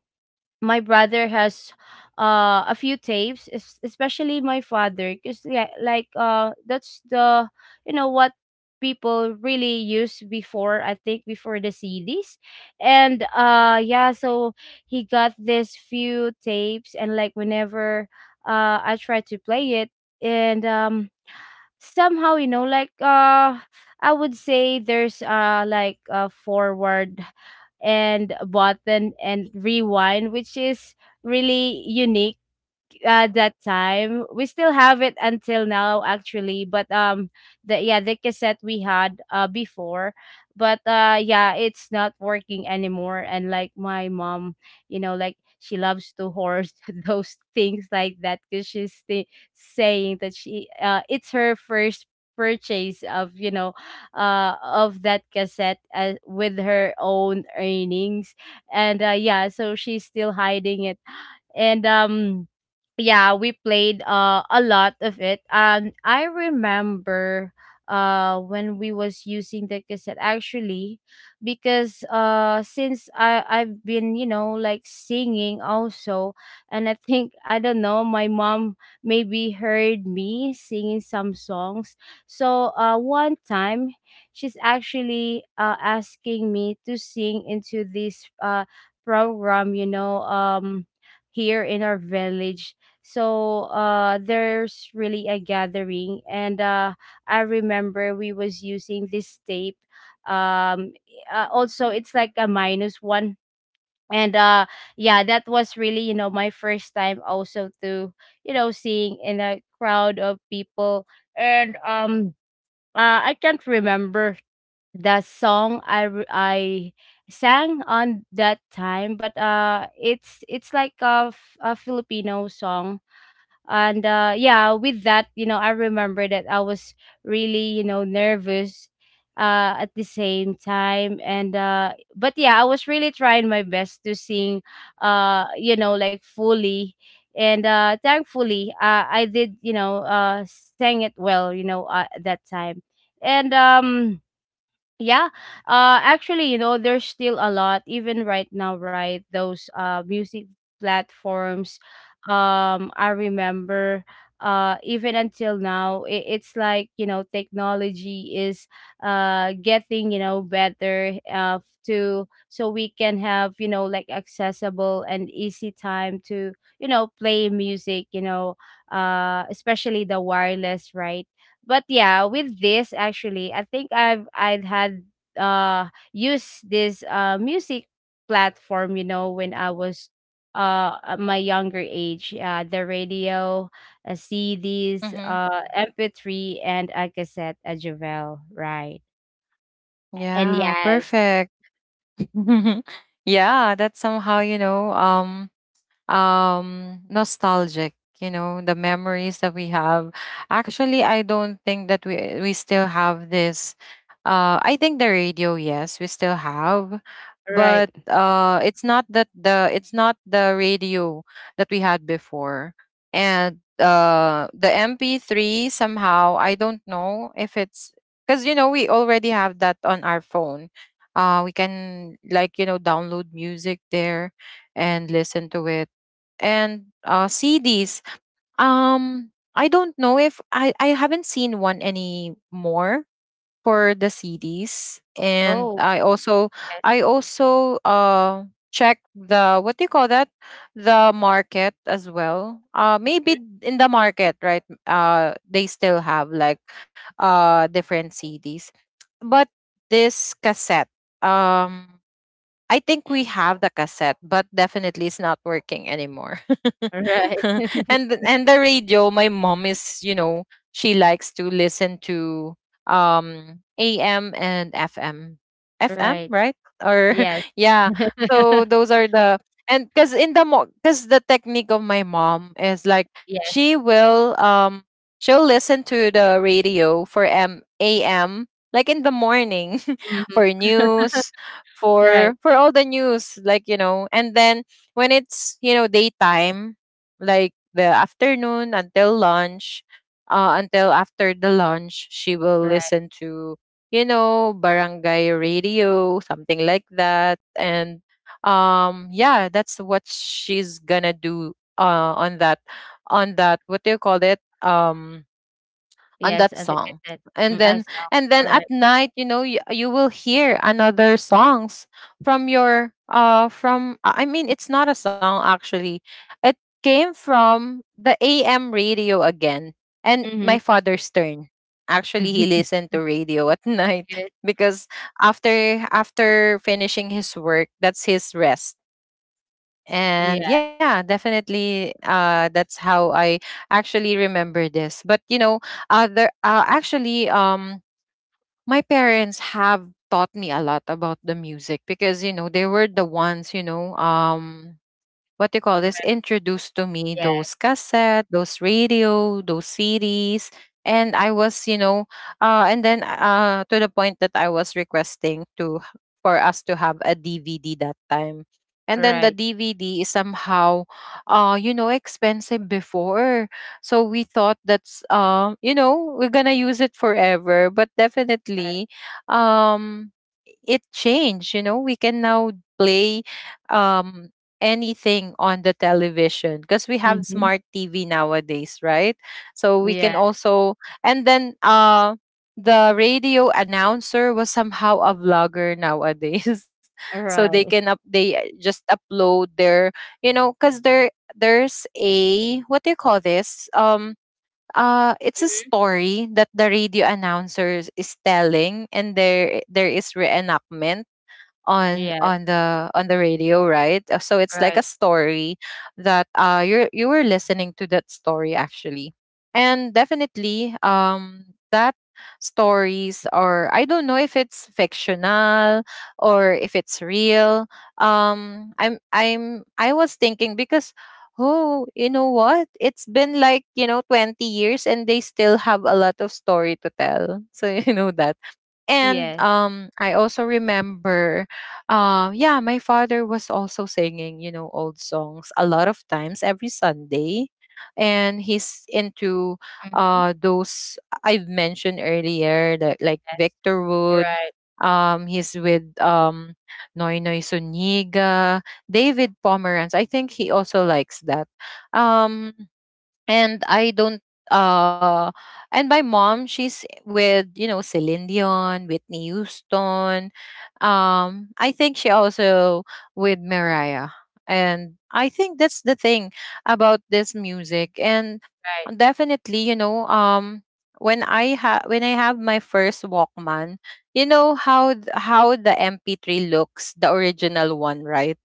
Speaker 2: my brother has a few tapes, especially my father, because yeah, like that's the, you know, what people really used before, I think, before the CDs. And yeah, so he got this few tapes. And like, whenever I try to play it, and somehow, you know, like I would say there's, like a forward and button and rewind, which is really unique at that time. We still have it until now, actually. But, the yeah, the cassette we had, before, but yeah, it's not working anymore. And like my mom, you know, like she loves to hoard those things like that because she's saying that she, it's her first purchase of, you know, of that cassette, with her own earnings. And yeah, so she's still hiding it. And yeah, we played, a lot of it. And I remember when we was using the cassette, actually, because since I've been, you know, like singing also. And I think, I don't know, my mom maybe heard me singing some songs. So one time she's actually asking me to sing into this program, you know, here in our village. So there's really a gathering. And I remember we was using this tape, um also it's like a minus one. And yeah, that was really, you know, my first time also to, you know, seeing in a crowd of people. And I can't remember the song I sang on that time, but it's like a, a Filipino song. And yeah, with that, you know, I remember that I was really, you know, nervous at the same time. And but yeah, I was really trying my best to sing, you know, like fully. And thankfully, I did, you know, sang it well, you know, at that time. And yeah. Actually, you know, there's still a lot even right now, right? Those music platforms. I remember even until now, it, it's like, you know, technology is getting, you know, better to, so we can have, you know, like accessible and easy time to, you know, play music, you know, especially the wireless, right? But yeah, with this actually, I think I'd had uh used this music platform, you know, when I was at my younger age, the radio, CDs,
Speaker 1: Mm-hmm.
Speaker 2: MP3 and a cassette, a Javel, right. And
Speaker 1: Yeah,
Speaker 2: yes,
Speaker 1: perfect. Yeah, that's somehow, you know, nostalgic, you know, the memories that we have. Actually, I don't think that we still have this. I think the radio, yes, we still have,
Speaker 2: right.
Speaker 1: but it's not that the it's not the radio that we had before. And the MP3, somehow I don't know if it's because, you know, we already have that on our phone, we can, like, you know, download music there and listen to it. And CDs. I don't know if I I haven't seen one anymore for the CDs. And
Speaker 2: Oh, yes.
Speaker 1: I also check the what do you call that, the market as well. Maybe in the market, right? They still have, like, different cds, but this cassette, um I think
Speaker 2: Mm.
Speaker 1: we have the cassette, but definitely it's not working anymore. And the radio, my mom is, you know, she likes to listen to AM and FM.
Speaker 2: Right.
Speaker 1: FM,
Speaker 2: Right.
Speaker 1: right? Or
Speaker 2: Yes.
Speaker 1: yeah. So those are the, and cuz in the cuz the technique of my mom is like,
Speaker 2: Yes.
Speaker 1: she will she'll listen to the radio for M AM like in the morning
Speaker 2: Mm-hmm.
Speaker 1: for news,
Speaker 2: Right.
Speaker 1: for all the news, like, you know. And then when it's, you know, daytime, like the afternoon until lunch, until after the lunch, she will
Speaker 2: Right.
Speaker 1: listen to, you know, barangay radio, something like that. And yeah, that's what she's gonna do on that, on that what do you call it, on
Speaker 2: Yes,
Speaker 1: that
Speaker 2: the
Speaker 1: song.
Speaker 2: cassette.
Speaker 1: And
Speaker 2: Mm, I
Speaker 1: then,
Speaker 2: saw.
Speaker 1: and then at
Speaker 2: Right.
Speaker 1: night, you know, you will hear another songs from your from I mean, it's not a song actually, it came from the AM radio again, and
Speaker 2: Mm-hmm.
Speaker 1: my father's turn. Actually, he listened to radio at night,
Speaker 2: Yes.
Speaker 1: because after finishing his work, that's his rest. And
Speaker 2: Yeah,
Speaker 1: yeah, definitely that's how I actually remember this. But, you know, other, actually my parents have taught me a lot about the music because, you know, they were the ones, you know, what do you call this, introduced to me
Speaker 2: yes.
Speaker 1: those cassette, those radio, those CDs. And I was, you know, and then to the point that I was requesting to for us to have a DVD that time. And then the
Speaker 2: Right.
Speaker 1: DVD is somehow, you know, expensive before. So we thought that's, you know, we're gonna use it forever. But
Speaker 2: Right.
Speaker 1: definitely, um, it changed. You know, we can now play um anything on the television because we have
Speaker 2: Mhm.
Speaker 1: smart TV nowadays, right? So we
Speaker 2: Yeah,
Speaker 1: can also and the radio announcer was somehow a vlogger nowadays. So they
Speaker 2: right.
Speaker 1: can up they just upload their because there's a what do you call this? It's a
Speaker 2: Mhm.
Speaker 1: story that the radio announcer is telling, and there is reenactment on
Speaker 2: Yes,
Speaker 1: on the on the radio, right? So it's like a
Speaker 2: right.
Speaker 1: story that you were listening to that story actually. And definitely that stories, or I don't know if it's fictional or if it's real. I'm I was thinking because, oh, you know what? It's been like, you know, 20 years and they still have a lot of story to tell. So, you know that. And
Speaker 2: Yes.
Speaker 1: I also remember, yeah, my father was also singing, you know, old songs a lot of times every Sunday. And he's into
Speaker 2: Mhm.
Speaker 1: those I've mentioned earlier, that, like
Speaker 2: Yes.
Speaker 1: Victor Wood.
Speaker 2: Right,
Speaker 1: He's with Noy Noy Suniga, David Pomeranz. I think he also likes that. Um, and I don't uh and my mom, she's with, you know, Celine Dion, Whitney Houston. Um, I think she also with Mariah. And I think that's the thing about this music. And
Speaker 2: right.
Speaker 1: definitely, you know, when I have, when I have my first Walkman, you know how the MP3 looks, the original one, right?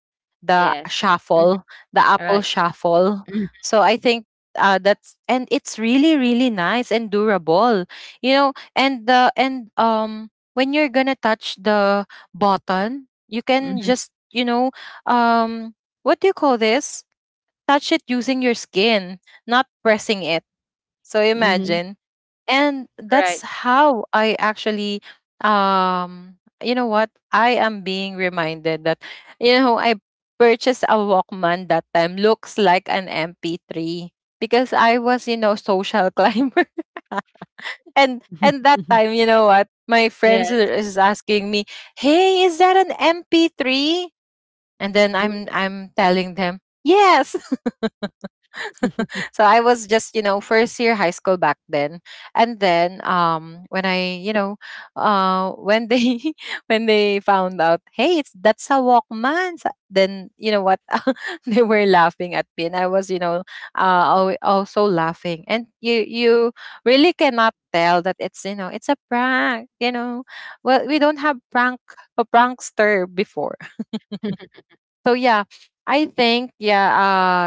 Speaker 1: The
Speaker 2: Yes. Mhm.
Speaker 1: shuffle, the Apple
Speaker 2: Right.
Speaker 1: shuffle.
Speaker 2: Mhm.
Speaker 1: So I think that's and it's really really nice and durable, you know. And the and when you're gonna touch the button, you can
Speaker 2: Mhm.
Speaker 1: just, you know, um what do you call this, touch it using your skin, not pressing it. So
Speaker 2: Mhm.
Speaker 1: imagine. And that's
Speaker 2: Right.
Speaker 1: how I actually, um you know what, I am being reminded that, you know, I purchased a Walkman that time, looks like an MP3 because I was, you know, social climber. And that time, you know what, my friends are-
Speaker 2: Yes.
Speaker 1: is asking me, "Hey, is that an MP3?" And then i'm
Speaker 2: Mhm.
Speaker 1: i'm telling them yes. So I was just, you know, first year high school back then. And then when I, you know, when they when they found out, "Hey, it's that's a Walkman." Then you know what? They were laughing at me, and I was, you know, uh also laughing. And you really cannot tell that it's, you know, it's a prank, you know. Well, we don't have prank a prankster before. So yeah, I think, yeah,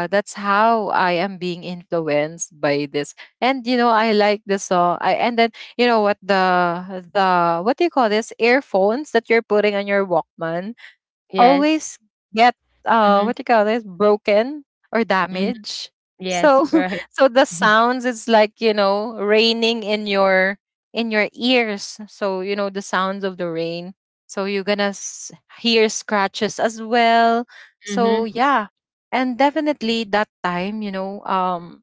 Speaker 1: that's how I am being influenced by this. And you know, I like the song. I and then you know what, the what do you call this? Earphones that you're putting on your Walkman
Speaker 2: Yes.
Speaker 1: always get what
Speaker 2: Mhm.
Speaker 1: do you call this, broken or
Speaker 2: Mhm.
Speaker 1: damaged. So
Speaker 2: Yes, right.
Speaker 1: so the
Speaker 2: Mhm.
Speaker 1: sounds is like, you know, raining in your, in your ears. So you know, the sounds of the rain. So you're gonna hear scratches as well. So
Speaker 2: Mhm.
Speaker 1: yeah. And definitely that time, you know,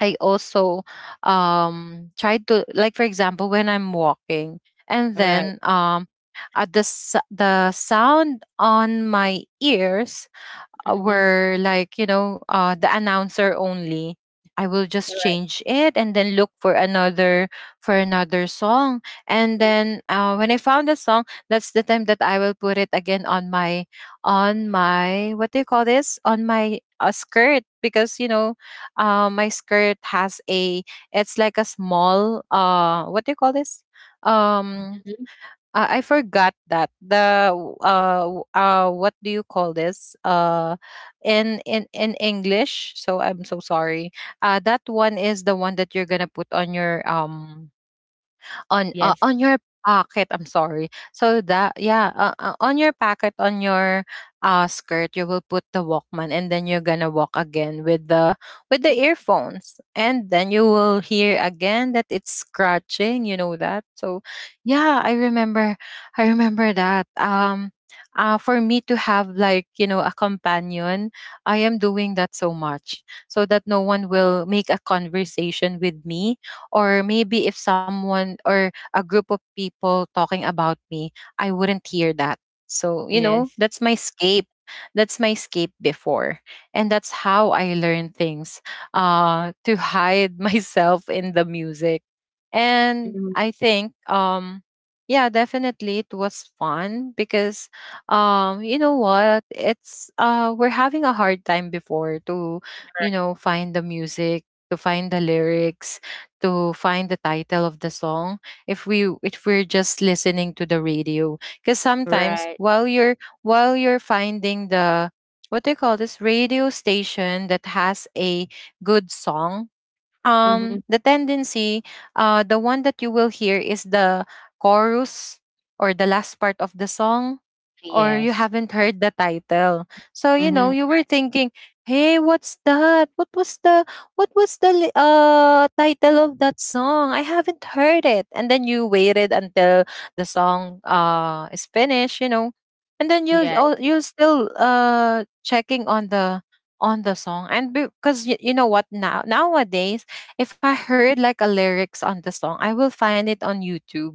Speaker 1: I also try to, like, for example, when I'm walking and
Speaker 2: Right.
Speaker 1: then, at the sound on my ears
Speaker 2: Mhm.
Speaker 1: were like, you know, the announcer only, I will just
Speaker 2: Right.
Speaker 1: change it and then look for another, for another song. And then, when I found a song, that's the time that I will put it again on my, on my, what do you call this, on my, skirt, because you know, my skirt has a, it's like a small, what do you call this, um
Speaker 2: Mhm.
Speaker 1: I forgot that the what do you call this, in in English, so I'm so sorry. That one is the one that you're gonna put on your, on,
Speaker 2: Yes.
Speaker 1: on your pocket, I'm sorry. So that, yeah, on your pocket, on your, skirt, you will put the Walkman, and then you're gonna walk again with the, with the earphones, and then you will hear again that it's scratching, you know that. So yeah, I remember, I remember that, for me to have, like, you know, a companion, I am doing that so much so that no one will make a conversation with me. Or maybe if someone, or a group of people talking about me, I wouldn't hear that. So, you know,
Speaker 2: Yes.
Speaker 1: that's my escape. That's my escape before. And that's how I learn things, to hide myself in the music. And
Speaker 2: Mhm.
Speaker 1: I think, yeah, definitely it was fun because, you know what, it's we're having a hard time before to, you know,
Speaker 2: Right.
Speaker 1: find the music, to find the lyrics, to find the title of the song, if we if we're just listening to the radio, because sometimes
Speaker 2: Right.
Speaker 1: while you're, while you're finding the, what do you call this, radio station that has a good song,
Speaker 2: Mhm.
Speaker 1: the tendency, the one that you will hear is the chorus or the last part of the song, or you
Speaker 2: Yes.
Speaker 1: haven't heard the title. So you know,
Speaker 2: Mhm.
Speaker 1: you were thinking, "Hey, what's that? What was the, what was the title of that song? I haven't heard it." And then you waited until the song is finished, you know. And then you,
Speaker 2: Yes.
Speaker 1: oh, you still checking on the, on the song. And because you know what, now, nowadays, if I heard like a lyrics on the song, I will find it on YouTube,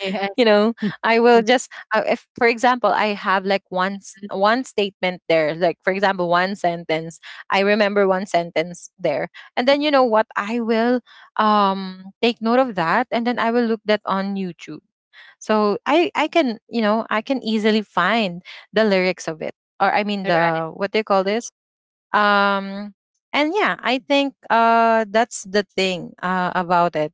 Speaker 2: Yes.
Speaker 1: you know. I will just, if for example I have like one statement there, like for example one sentence, I remember one sentence there, and then you know what, I will take note of that, and then I will look that on YouTube, so I can, you know, I can easily find the lyrics of it, or I mean
Speaker 2: Right.
Speaker 1: the, what do you call this, um and yeah, I think, that's the thing, about it.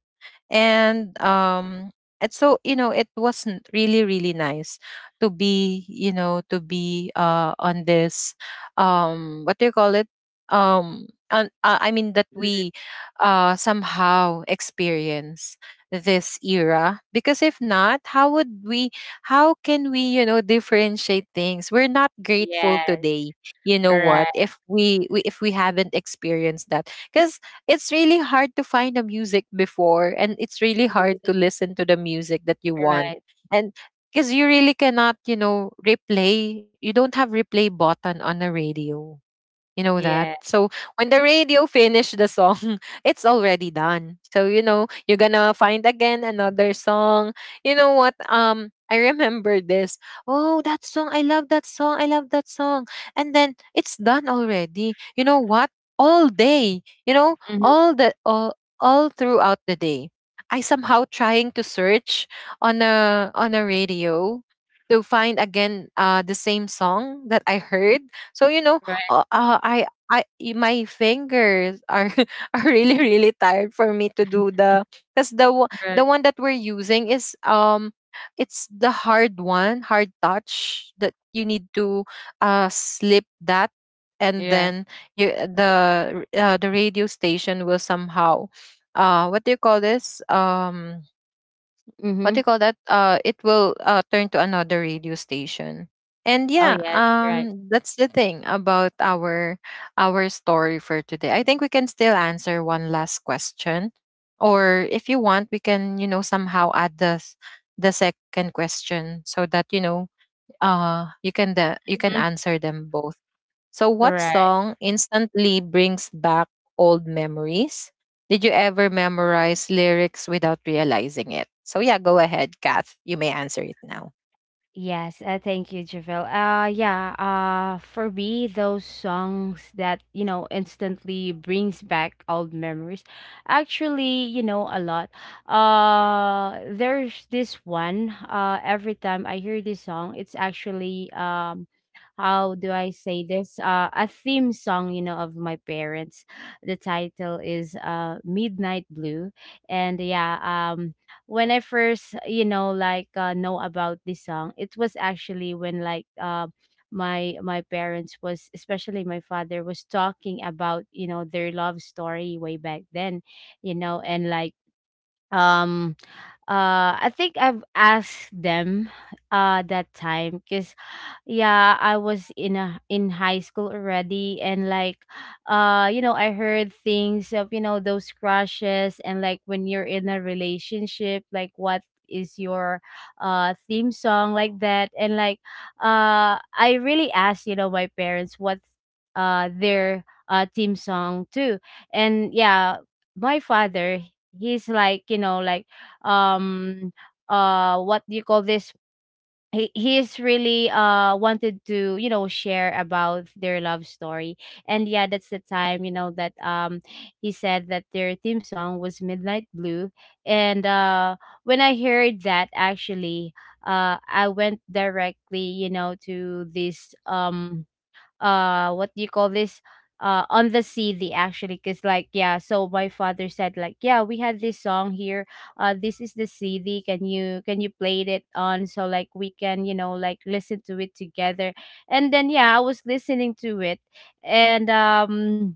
Speaker 1: And so, you know, it wasn't really really nice to be, you know, to be, on this, what do you call it, on, I mean, that we somehow experience this era, because if not, how would we, how can we, you know, differentiate things? We're not grateful
Speaker 2: Yes,
Speaker 1: today, you know what,
Speaker 2: right.
Speaker 1: if we, if we haven't experienced that. Because it's really hard to find the music before, and it's really hard to listen to the music that you want.
Speaker 2: Right.
Speaker 1: And because you really cannot, you know, replay, you don't have replay button on a radio, you know that?
Speaker 2: Yeah.
Speaker 1: So when the radio finished the song, it's already done. So you know, you're gonna find again another song. You know what? Um, I remember this. Oh, that song. I love that song. I love that song. And then it's done already. You know what? All day, you know,
Speaker 2: Mhm.
Speaker 1: all the all, all throughout the day, I somehow trying to search on a, on a radio, to find again the same song that I heard. So you know,
Speaker 2: Right,
Speaker 1: my fingers are are really really tired for me to do the, because the the
Speaker 2: right.
Speaker 1: one that we're using is it's the hard one, hard touch, that you need to slip that, and
Speaker 2: Yeah.
Speaker 1: then you, the the radio station will somehow, what do you call this, what do you
Speaker 2: Mhm.
Speaker 1: call that? It will, turn to another radio station. And
Speaker 2: Oh,
Speaker 1: yeah,
Speaker 2: yes, right.
Speaker 1: that's the thing about our story for today. I think we can still answer one last question, or if you want, we can, you know, somehow add the second question, so that, you know, you can, the you can
Speaker 2: Mhm.
Speaker 1: answer them both. So, what
Speaker 2: Right.
Speaker 1: song instantly brings back old memories? Did you ever memorize lyrics without realizing it? So, yeah, go ahead, Kath. You may answer it now.
Speaker 2: Yes, thank you, Javil. Yeah, for me, those songs that, you know, instantly brings back old memories, actually, you know, a lot. There's this one, every time I hear this song, it's actually, how do I say this? A theme song, you know, of my parents. The title is Midnight Blue, and yeah, when I first, like know about this song, it was actually when like my parents was, especially my father was talking about their love story way back then, and like, um I think I've asked them that time, because yeah, I was in high school already, and like, I heard things of, those crushes, and like when you're in a relationship, like, what is your theme song, like that, and like, I really asked, my parents, what their theme song too. And yeah, my father, he's like, like, um what do you call this, he's really wanted to, share about their love story. And yeah, that's the time, that he said that their theme song was Midnight Blue. And when I heard that, actually, I went directly, to this, what do you call this, on the CD, actually, because like, yeah, so my father said, like, yeah, we had this song here. This is the CD. Can you play it on, so like we can, like, listen to it together. And then, yeah, I was listening to it. And um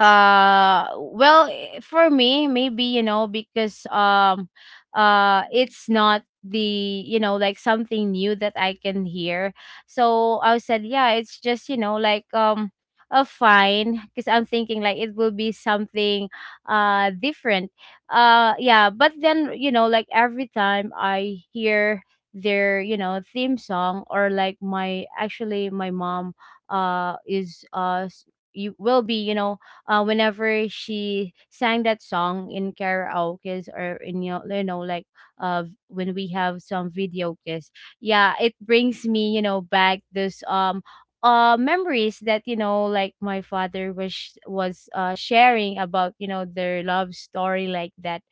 Speaker 2: uh well, for me, maybe, because, it's not the, like, something new that I can hear. So I said yeah, it's just, like, a fine, because I'm thinking like it will be something different. Yeah, but then, like, every time I hear their, theme song, or like, my, actually, my mom is you will be, whenever she sang that song in karaoke's, or in, like, when we have some video kiss, yeah, it brings me, back this, memories that, like, my father was sharing about, their love story, like that.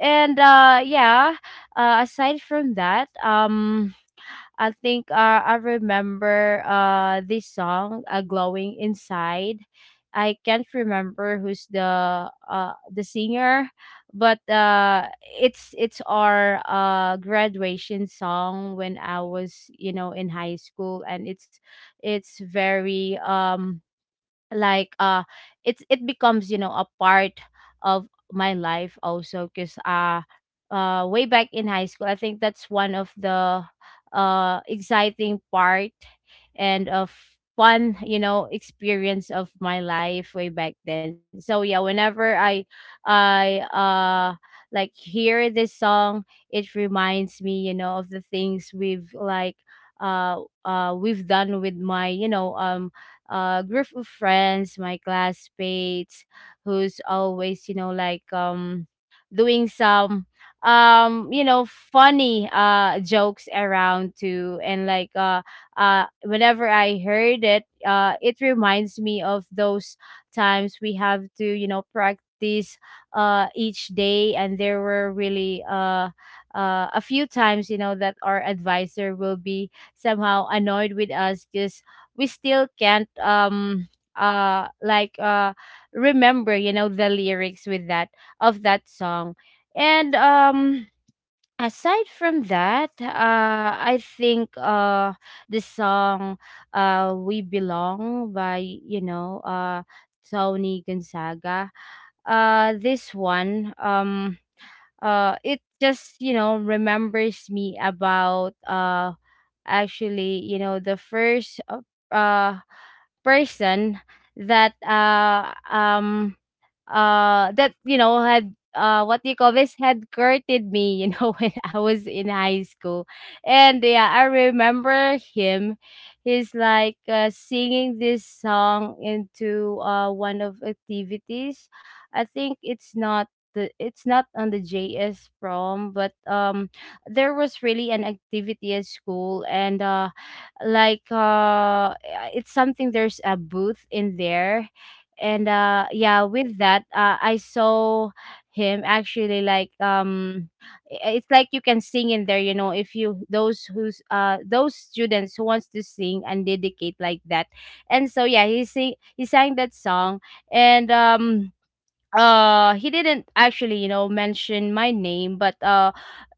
Speaker 2: And yeah. Aside from that, I think, I remember this song, "Glowing Inside." I can't remember who's the singer, but it's our graduation song when I was, in high school, and it's very, like, it becomes, a part of my life also, because way back in high school, I think that's one of the exciting part and of fun, experience of my life way back then. So yeah, whenever I like hear this song, it reminds me, of the things we've like, we've done with my, group of friends, my classmates, who's always, like, doing some, funny jokes around too. And like, whenever I heard it, it reminds me of those times we have to, practice, each day. And there were really, a few times, that our advisor will be somehow annoyed with us, because we still can't, like, remember, the lyrics with that, of that song. And aside from that, I think, the song, "We Belong," by, Tony Gonzaga. This one, it just, remembers me about, actually, the first, uh person that that, had, what do you call this, had courted me, when I was in high school. And yeah, I remember him. He's like, singing this song into, one of activities. I think it's not the it's not on the JS prom, but there was really an activity at school. And like, it's something, there's a booth in there. And yeah, with that, I saw him actually, like, it's like you can sing in there, if you, those who's, those students who wants to sing and dedicate, like that. And so yeah, he sang that song. And he didn't actually, mention my name, but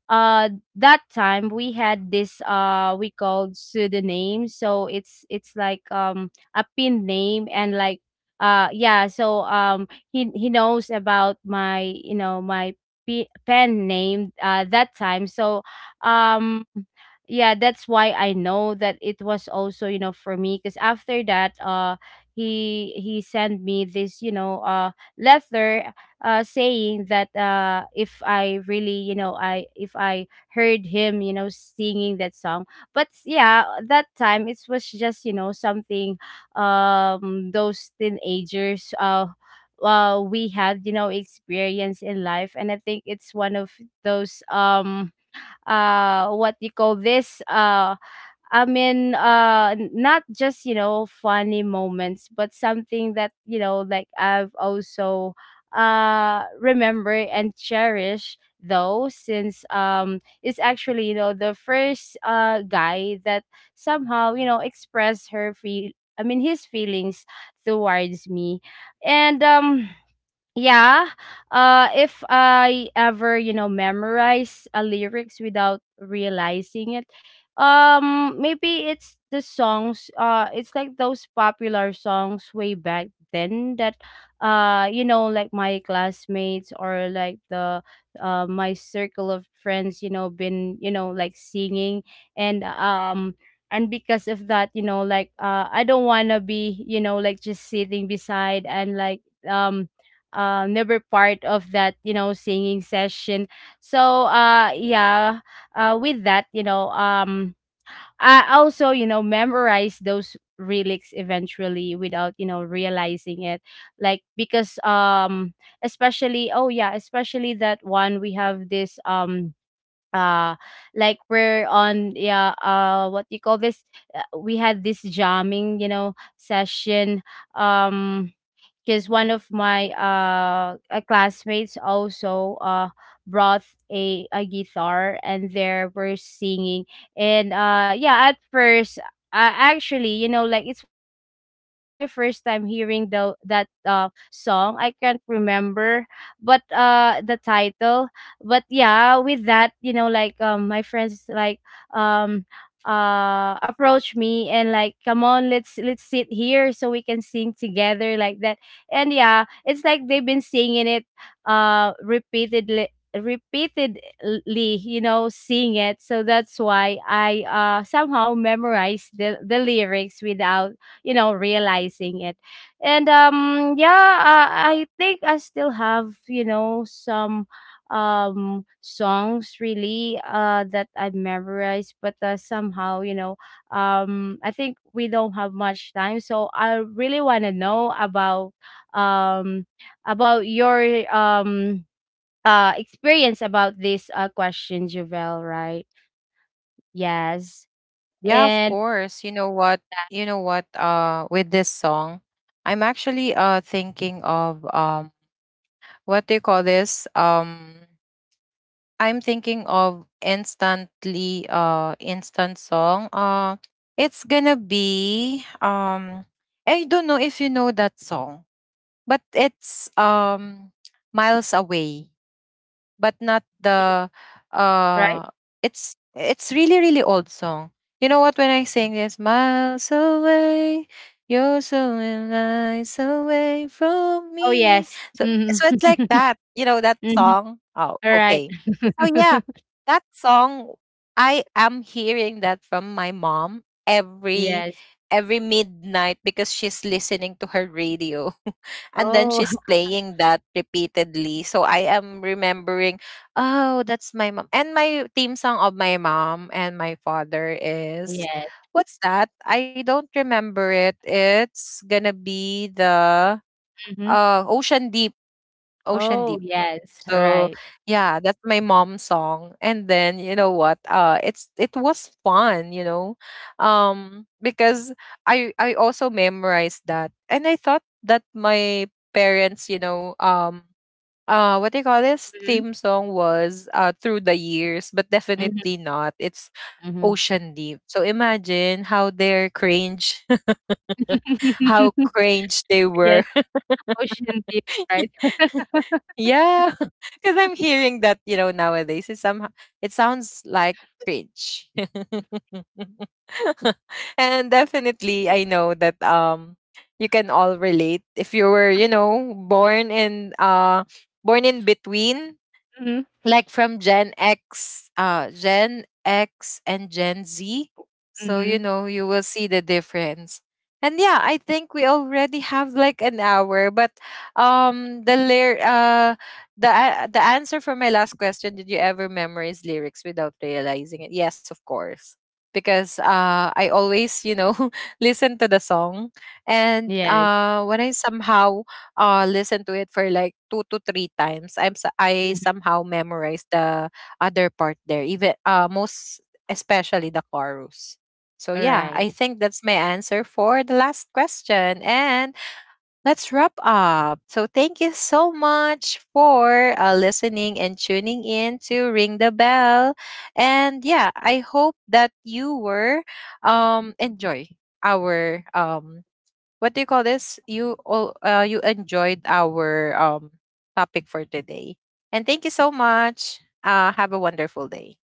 Speaker 2: uh that time we had this, we called pseudonym. So it's like, a pin name, and like, yeah. So, he knows about my, my pen name, that time. So um yeah, that's why I know that it was also, for me. Because after that, he sent me this, letter, saying that, if I really, you know, I if I heard him, singing that song. But yeah, that time it was just, something, those teenagers, we had, experience in life. And I think it's one of those, what you call this, I mean, not just, funny moments, but something that, like I've also remember and cherish, though since, it's actually, the first, guy that somehow, expressed her feel, I mean, his feelings towards me. And yeah. If I ever, memorize a lyrics without realizing it, maybe it's the songs. It's like those popular songs way back then that, like my classmates, or like my circle of friends, been, like singing, and um. and because of that, like, I don't wanna be, like, just sitting beside, and like, um never part of that, singing session. So yeah. With that, I also, memorize those relics eventually, without, realizing it. Like, because, especially oh yeah, especially that one, we have this, uh like we're on, yeah, what do you call this, we had this jamming, session, um because one of my, classmates also brought a guitar, and there were singing. And yeah, at first, actually, like, it's my first time hearing the that song. I can't remember, but the title. But yeah, with that, like, my friends like, um approach me and like, come on, let's sit here so we can sing together, like that. And yeah, it's like they've been singing it repeatedly, repeatedly, sing it. So that's why I somehow memorized the lyrics without, realizing it. And yeah. I think I still have, some, songs, really, that I've memorized, but somehow, I think we don't have much time, so I really want to know about, um about your, um experience about this question, Javel, right? Yes.
Speaker 1: Yeah, of
Speaker 2: And
Speaker 1: course. You know what? You know what? With this song, I'm actually thinking of, what do you call this? I'm thinking of instant song. It's gonna be, I don't know if you know that song, but it's, "Miles Away," but not the,
Speaker 2: right?
Speaker 1: uh it's really really old song. You know what, when I sing this, "Miles Away, you're so miles away from
Speaker 2: Oh
Speaker 1: me."
Speaker 2: yes.
Speaker 1: So,
Speaker 2: Mhm.
Speaker 1: so it's like that, you know that
Speaker 2: Mhm.
Speaker 1: song? Oh,
Speaker 2: All right.
Speaker 1: okay. So yeah, that song, I am hearing that from my mom every
Speaker 2: Yes.
Speaker 1: every midnight, because she's listening to her radio, and then
Speaker 2: Oh,
Speaker 1: she's playing that repeatedly. So I am remembering, oh, that's my mom. And my theme song of my mom and my father is,
Speaker 2: yes.
Speaker 1: what's that, I don't remember it. It's gonna be the,
Speaker 2: Hmm.
Speaker 1: "Ocean Deep." "Ocean
Speaker 2: Oh
Speaker 1: Deep."
Speaker 2: yes. All
Speaker 1: So
Speaker 2: right.
Speaker 1: yeah, that's my mom's song. And then you know what? Uh, it's, it was fun, you know. Um, because I also memorized that. And I thought that my parents, you know, what do you call this,
Speaker 2: Mm-hmm.
Speaker 1: theme song was, "Through the Years," but definitely not. It's
Speaker 2: Mm-hmm.
Speaker 1: "Ocean Deep." So imagine how they're cringe, how cringe they
Speaker 2: Yes.
Speaker 1: were.
Speaker 2: Ocean deep, right?
Speaker 1: Yeah, because I'm hearing that, you know, nowadays, it somehow, it sounds like cringe. And definitely, I know that, you can all relate if you were, you know, born in, born in between,
Speaker 2: Mm-hmm.
Speaker 1: like from Gen X, Gen X and Gen Z. So, you
Speaker 2: Mm-hmm.
Speaker 1: know, you will see the difference. And yeah, I think we already have like an hour, but, um the lyr- uh the the answer for my last question, did you ever memorize lyrics without realizing it? Yes, of course. Because, I always, you know, listen to the song. And
Speaker 2: Yes.
Speaker 1: when I somehow, listen to it for like two to three times, I
Speaker 2: Mhm.
Speaker 1: somehow memorize the other part there, even, most especially the chorus. So
Speaker 2: All
Speaker 1: yeah,
Speaker 2: right.
Speaker 1: I think that's my answer for the last question, and let's wrap up. So thank you so much for, listening and tuning in to Ring the Bell, and yeah, I hope that you were, enjoy our, what do you call this, you all, you enjoyed our, topic for today. And thank you so much. Have a wonderful day.